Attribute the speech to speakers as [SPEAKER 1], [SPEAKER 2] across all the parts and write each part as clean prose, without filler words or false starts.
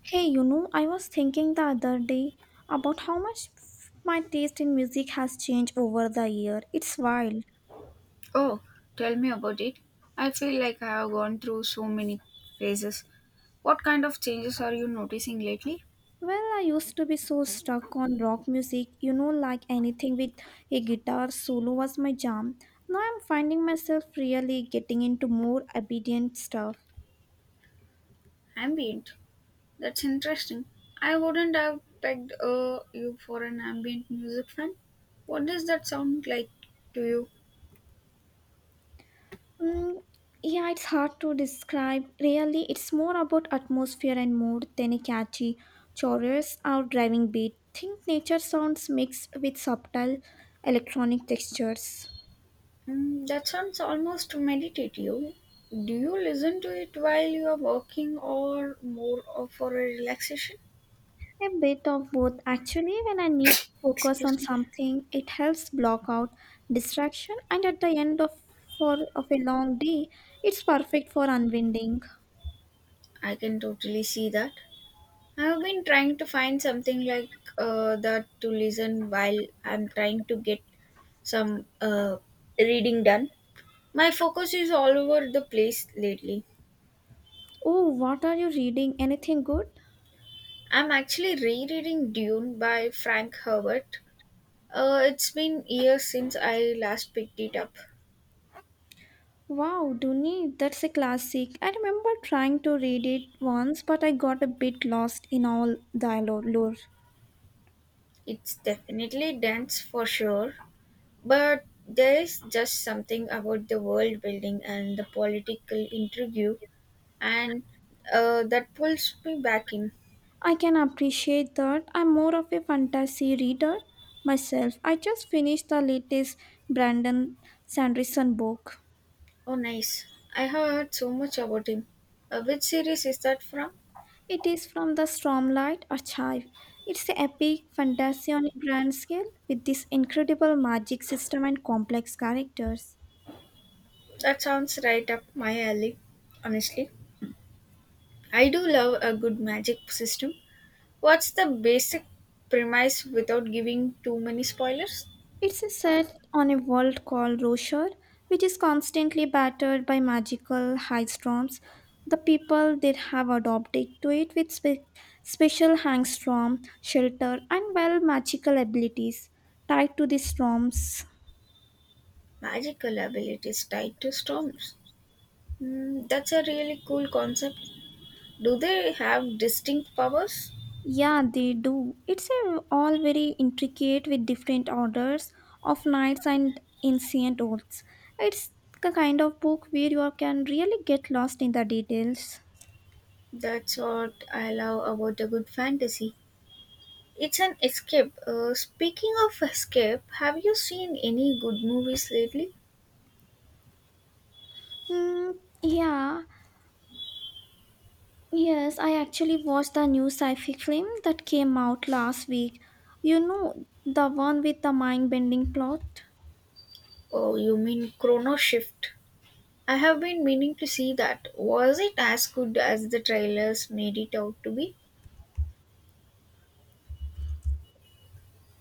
[SPEAKER 1] Hey, you know, I was thinking the other day about how much my taste in music has changed over the year. It's wild.
[SPEAKER 2] Oh, tell me about it. I feel like I have gone through so many phases. What kind of changes are you noticing lately?
[SPEAKER 1] Well, I used to be so stuck on rock music, you know, like anything with a guitar solo was my jam. Now I'm finding myself really getting into more obedient stuff.
[SPEAKER 2] Ambient. That's interesting. I wouldn't have pegged you for an ambient music fan. What does that sound like to you?
[SPEAKER 1] Mm, yeah, it's hard to describe. Really, it's more about atmosphere and mood than a catchy chorus or driving beat. Think nature sounds mixed with subtle electronic textures.
[SPEAKER 2] Mm, that sounds almost meditative. Do you listen to it while you are working or more of for a relaxation?
[SPEAKER 1] A bit of both. Actually, when I need to focus on
[SPEAKER 2] Excuse me.
[SPEAKER 1] something, it helps block out distraction, and at the end of for of a long day, it's perfect for unwinding.
[SPEAKER 2] I can totally see that. I've been trying to find something like that to listen while I'm trying to get some reading done. My focus is all over the place lately.
[SPEAKER 1] Oh, what are you reading? Anything good?
[SPEAKER 2] I'm actually rereading Dune by Frank Herbert. It's been years since I last picked it up.
[SPEAKER 1] Wow, Duni, that's a classic. I remember trying to read it once, but I got a bit lost in all the lore.
[SPEAKER 2] It's definitely dense for sure, but there is just something about the world building and the political intrigue and that pulls me back in.
[SPEAKER 1] I can appreciate that. I'm more of a fantasy reader myself. I just finished the latest Brandon Sanderson book.
[SPEAKER 2] Oh, nice. I have heard so much about him. Which series is that from?
[SPEAKER 1] It is from the Stormlight Archive. It's an epic fantasy on a grand scale with this incredible magic system and complex characters.
[SPEAKER 2] That sounds right up my alley, honestly. I do love a good magic system. What's the basic premise without giving too many spoilers?
[SPEAKER 1] It's set on a world called Roshar, which is constantly battered by magical high storms. The people there have adopted to it with special hang storm shelter and well magical abilities tied to the storms.
[SPEAKER 2] Magical abilities tied to storms. Mm, that's a really cool concept. Do they have distinct powers?
[SPEAKER 1] Yeah, they do. All very intricate with different orders of knights and ancient oaths. It's the kind of book where you can really get lost in the details.
[SPEAKER 2] That's what I love about a good fantasy. It's an escape. Speaking of escape, have you seen any good movies lately?
[SPEAKER 1] Mm, yeah, Yes, I actually watched the new sci-fi film that came out last week. You know, the one with the mind-bending plot?
[SPEAKER 2] Oh, you mean Chrono Shift? I have been meaning to see that. Was it as good as the trailers made it out to be?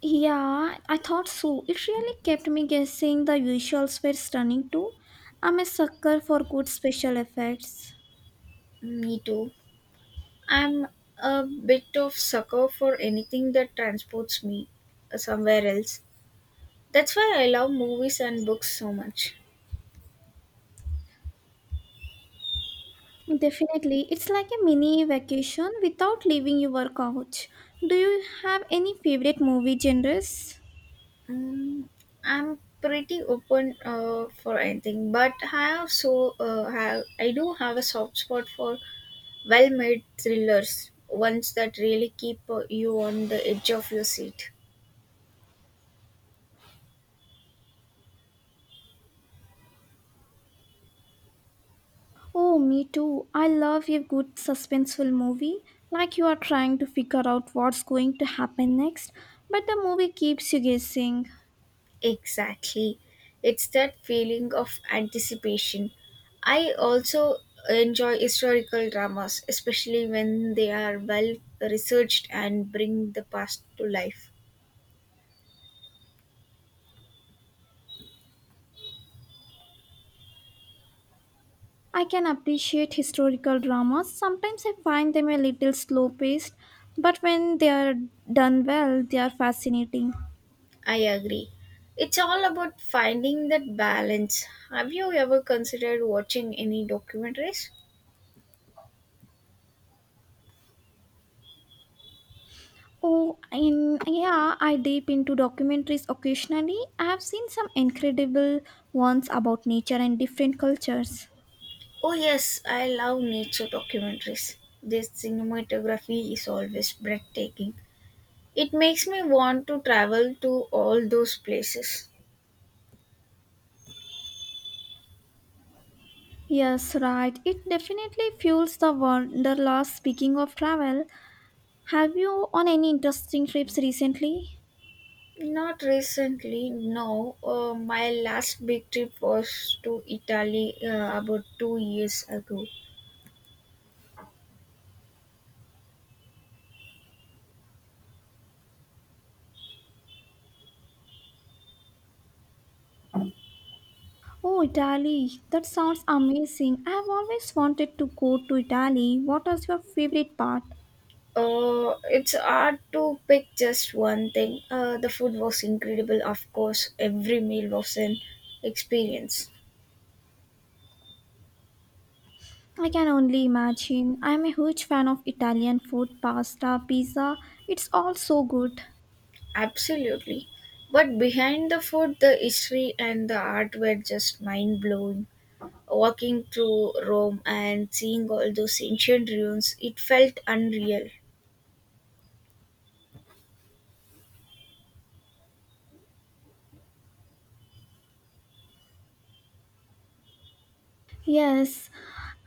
[SPEAKER 1] Yeah, I thought so. It really kept me guessing the visuals were stunning too. I'm a sucker for good special effects.
[SPEAKER 2] Mm, me too. I'm a bit of sucker for anything that transports me somewhere else. That's why I love movies and books so much.
[SPEAKER 1] Definitely, it's like a mini vacation without leaving your couch. Do you have any favorite movie genres?
[SPEAKER 2] Um, I'm pretty open for anything, but I do have a soft spot for well-made thrillers, ones that really keep you on the edge of your seat.
[SPEAKER 1] Oh, me too. I love a good suspenseful movie, like you are trying to figure out what's going to happen next, but the movie keeps you guessing.
[SPEAKER 2] Exactly, it's that feeling of anticipation. I also enjoy historical dramas, especially when they are well researched and bring the past to life.
[SPEAKER 1] I can appreciate historical dramas. Sometimes I find them a little slow paced, but when they are done well, they are fascinating.
[SPEAKER 2] I agree. It's all about finding that balance. Have you ever considered watching any documentaries?
[SPEAKER 1] Oh, in yeah, I dip into documentaries occasionally. I have seen some incredible ones about nature and different cultures.
[SPEAKER 2] Oh, yes, I love nature documentaries. Their cinematography is always breathtaking. It makes me want to travel to all those places.
[SPEAKER 1] Yes, right. It definitely fuels the wanderlust. Speaking of travel, have you on any interesting trips recently?
[SPEAKER 2] Not recently, no. My last big trip was to Italy about 2 years ago.
[SPEAKER 1] Oh, Italy. That sounds amazing. I have always wanted to go to Italy. What was your favorite part?
[SPEAKER 2] It's hard to pick just one thing. The food was incredible, of course. Every meal was an experience.
[SPEAKER 1] I can only imagine. I'm a huge fan of Italian food, pasta, pizza. It's all so good.
[SPEAKER 2] Absolutely. But behind the food, the history and the art were just mind blowing. Walking through Rome and seeing all those ancient ruins, it felt unreal.
[SPEAKER 1] Yes,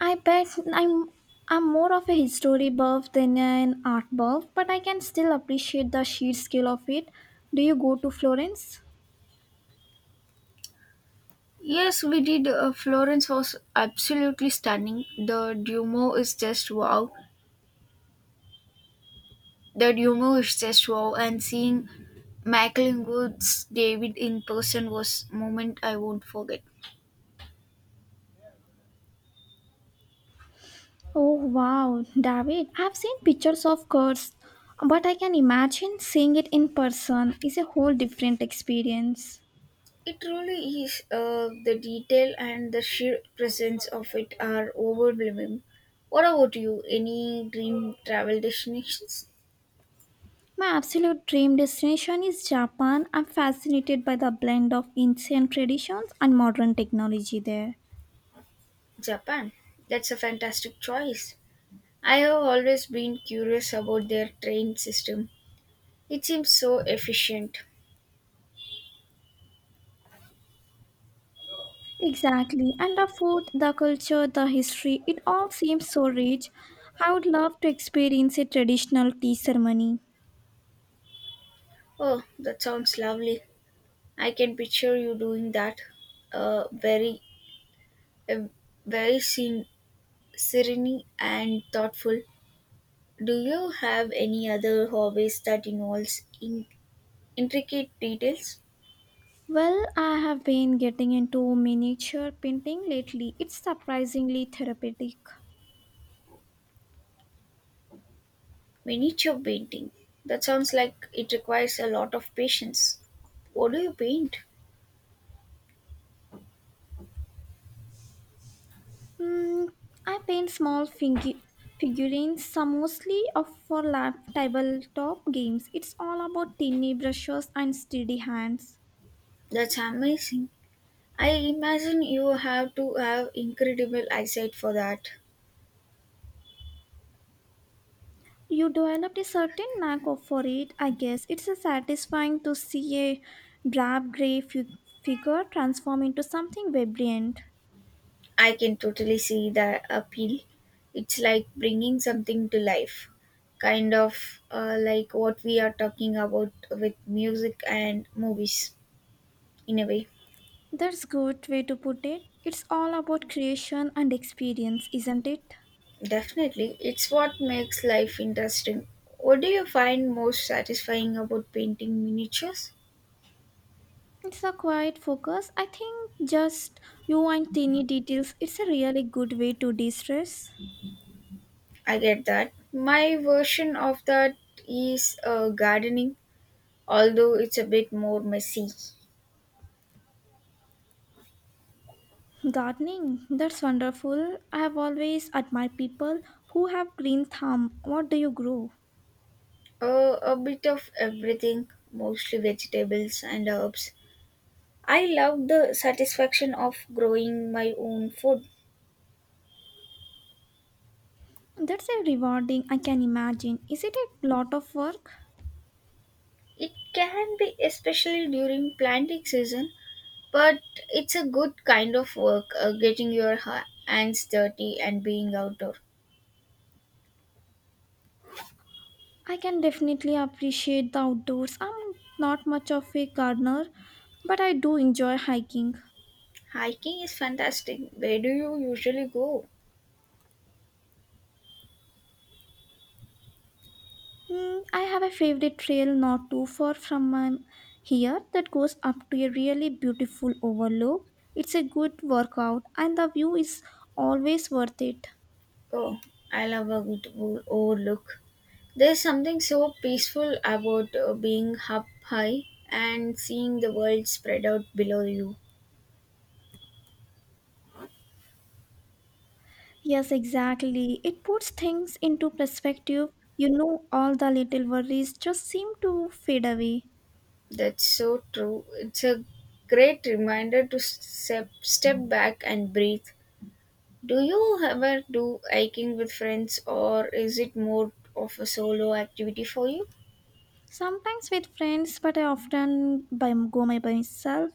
[SPEAKER 1] I bet I'm I'm more of a history buff than an art buff, but I can still appreciate the sheer scale of it. Do you go to Florence?
[SPEAKER 2] Yes, we did. Florence was absolutely stunning. The Duomo is just wow. The humor is just wow, and seeing Michael Woods David in person was moment I won't forget.
[SPEAKER 1] Oh wow, David, I've seen pictures of course, but I can imagine seeing it in person is a whole different experience.
[SPEAKER 2] It really is. The detail and the sheer presence of it are overwhelming. What about you? Any dream travel destinations?
[SPEAKER 1] My absolute dream destination is Japan. I'm fascinated by the blend of ancient traditions and modern technology there.
[SPEAKER 2] Japan. That's a fantastic choice. I have always been curious about their train system. It seems so efficient.
[SPEAKER 1] Exactly. And the food, the culture, the history, it all seems so rich. I would love to experience a traditional tea ceremony.
[SPEAKER 2] Oh, that sounds lovely. I can picture you doing that. A very Uh, Very sen- Serene and thoughtful. Do you have any other hobbies that involves in- intricate details?
[SPEAKER 1] Well, I have been getting into miniature painting lately. It's surprisingly therapeutic.
[SPEAKER 2] Miniature painting. That sounds like it requires a lot of patience. What do you paint?
[SPEAKER 1] Mm, I paint small figurines, some mostly of for lap tabletop games. It's all about tiny brushes and steady hands.
[SPEAKER 2] That's amazing. I imagine you have to have incredible eyesight for that.
[SPEAKER 1] You developed a certain for it, I guess. It's a satisfying to see a drab gray figure transform into something vibrant.
[SPEAKER 2] I can totally see the appeal. It's like bringing something to life, kind of like what we are talking about with music and movies, in a way.
[SPEAKER 1] That's good way to put it. It's all about creation and experience, isn't it?
[SPEAKER 2] Definitely, it's what makes life interesting. What do you find most satisfying about painting miniatures?
[SPEAKER 1] It's a quiet focus. I think just you and tiny details. It's a really good way to de-stress.
[SPEAKER 2] I get that. My version of that is gardening, although it's a bit more messy.
[SPEAKER 1] Gardening, that's wonderful. I have always admired people who have green thumb. What do you grow?
[SPEAKER 2] A bit of everything, mostly vegetables and herbs. I love the satisfaction of growing my own food.
[SPEAKER 1] That's a rewarding, I can imagine. Is it a lot of work?
[SPEAKER 2] It can be especially during planting season, but it's a good kind of work, getting your hands dirty and being outdoor.
[SPEAKER 1] I can definitely appreciate the outdoors. I'm not much of a gardener, but I do enjoy hiking.
[SPEAKER 2] Hiking is fantastic. Where do you usually go?
[SPEAKER 1] Mm, I have a favorite trail not too far from here that goes up to a really beautiful overlook. It's a good workout, and the view is always worth it.
[SPEAKER 2] Oh, I love a good overlook. There's something so peaceful about being up high and seeing the world spread out below you.
[SPEAKER 1] Yes, exactly. It puts things into perspective. You know, all the little worries just seem to fade away.
[SPEAKER 2] That's so true. It's a great reminder to step back and breathe. Do you ever do hiking with friends or is it more of a solo activity for you?
[SPEAKER 1] Sometimes with friends, but I often by, go my by myself.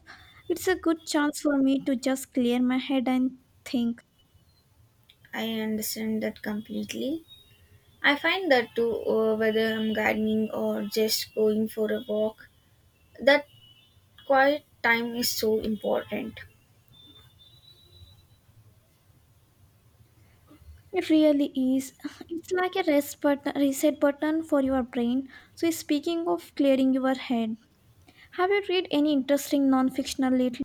[SPEAKER 1] It's a good chance for me to just clear my head and think.
[SPEAKER 2] I understand that completely. I find that too, whether I'm gardening or just going for a walk, that quiet time is so important.
[SPEAKER 1] It really is. It's like a reset button for your brain. So, speaking of clearing your head, have you read any interesting non-fictional lately?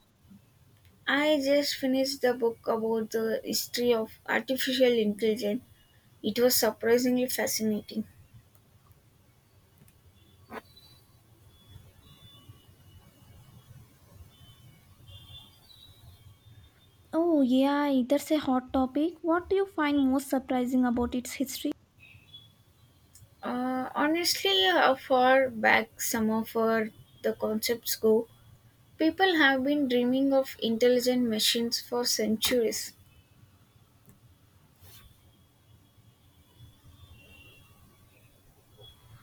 [SPEAKER 2] I just finished the book about the history of artificial intelligence. It was surprisingly fascinating.
[SPEAKER 1] Oh, yeah, that's a hot topic. What do you find most surprising about its history?
[SPEAKER 2] Honestly, how far back some of our the concepts go, people have been dreaming of intelligent machines for centuries.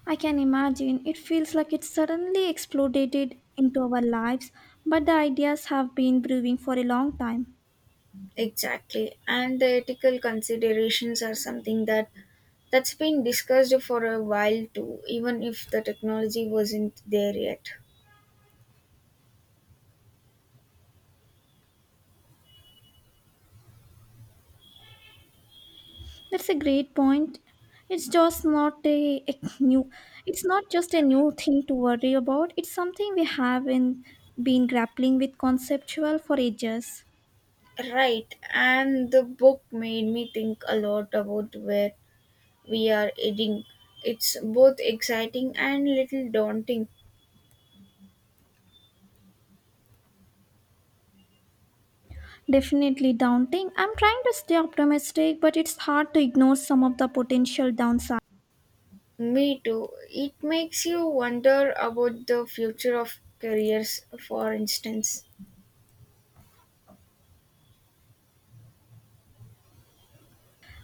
[SPEAKER 1] I can imagine. It feels like it suddenly exploded into our lives, but the ideas have been brewing for a long time.
[SPEAKER 2] Exactly, and the ethical considerations are something that's been discussed for a while too, even if the technology wasn't there yet.
[SPEAKER 1] That's a great point. It's just not a, a new it's not just a new thing to worry about. It's something we have been grappling with conceptual for ages.
[SPEAKER 2] Right, and the book made me think a lot about where we are heading. It's both exciting and little daunting.
[SPEAKER 1] Definitely daunting. I'm trying to stay optimistic, but it's hard to ignore some of the potential downsides.
[SPEAKER 2] Me too. It makes you wonder about the future of careers. For instance,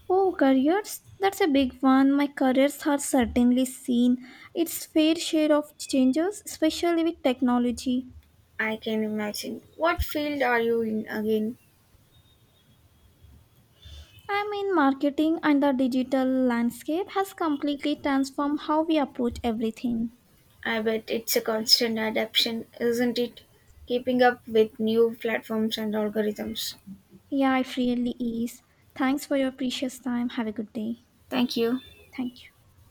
[SPEAKER 1] Oh, careers? That's a big one. My careers have certainly seen its fair share of changes, especially with technology.
[SPEAKER 2] I can imagine. What field are you in again?
[SPEAKER 1] I mean, marketing and the digital landscape has completely transformed how we approach everything.
[SPEAKER 2] I bet it's a constant adaptation, isn't it? Keeping up with new platforms and algorithms.
[SPEAKER 1] Yeah, it really is. Thanks for your precious time. Have a good day.
[SPEAKER 2] Thank you.
[SPEAKER 1] Thank you.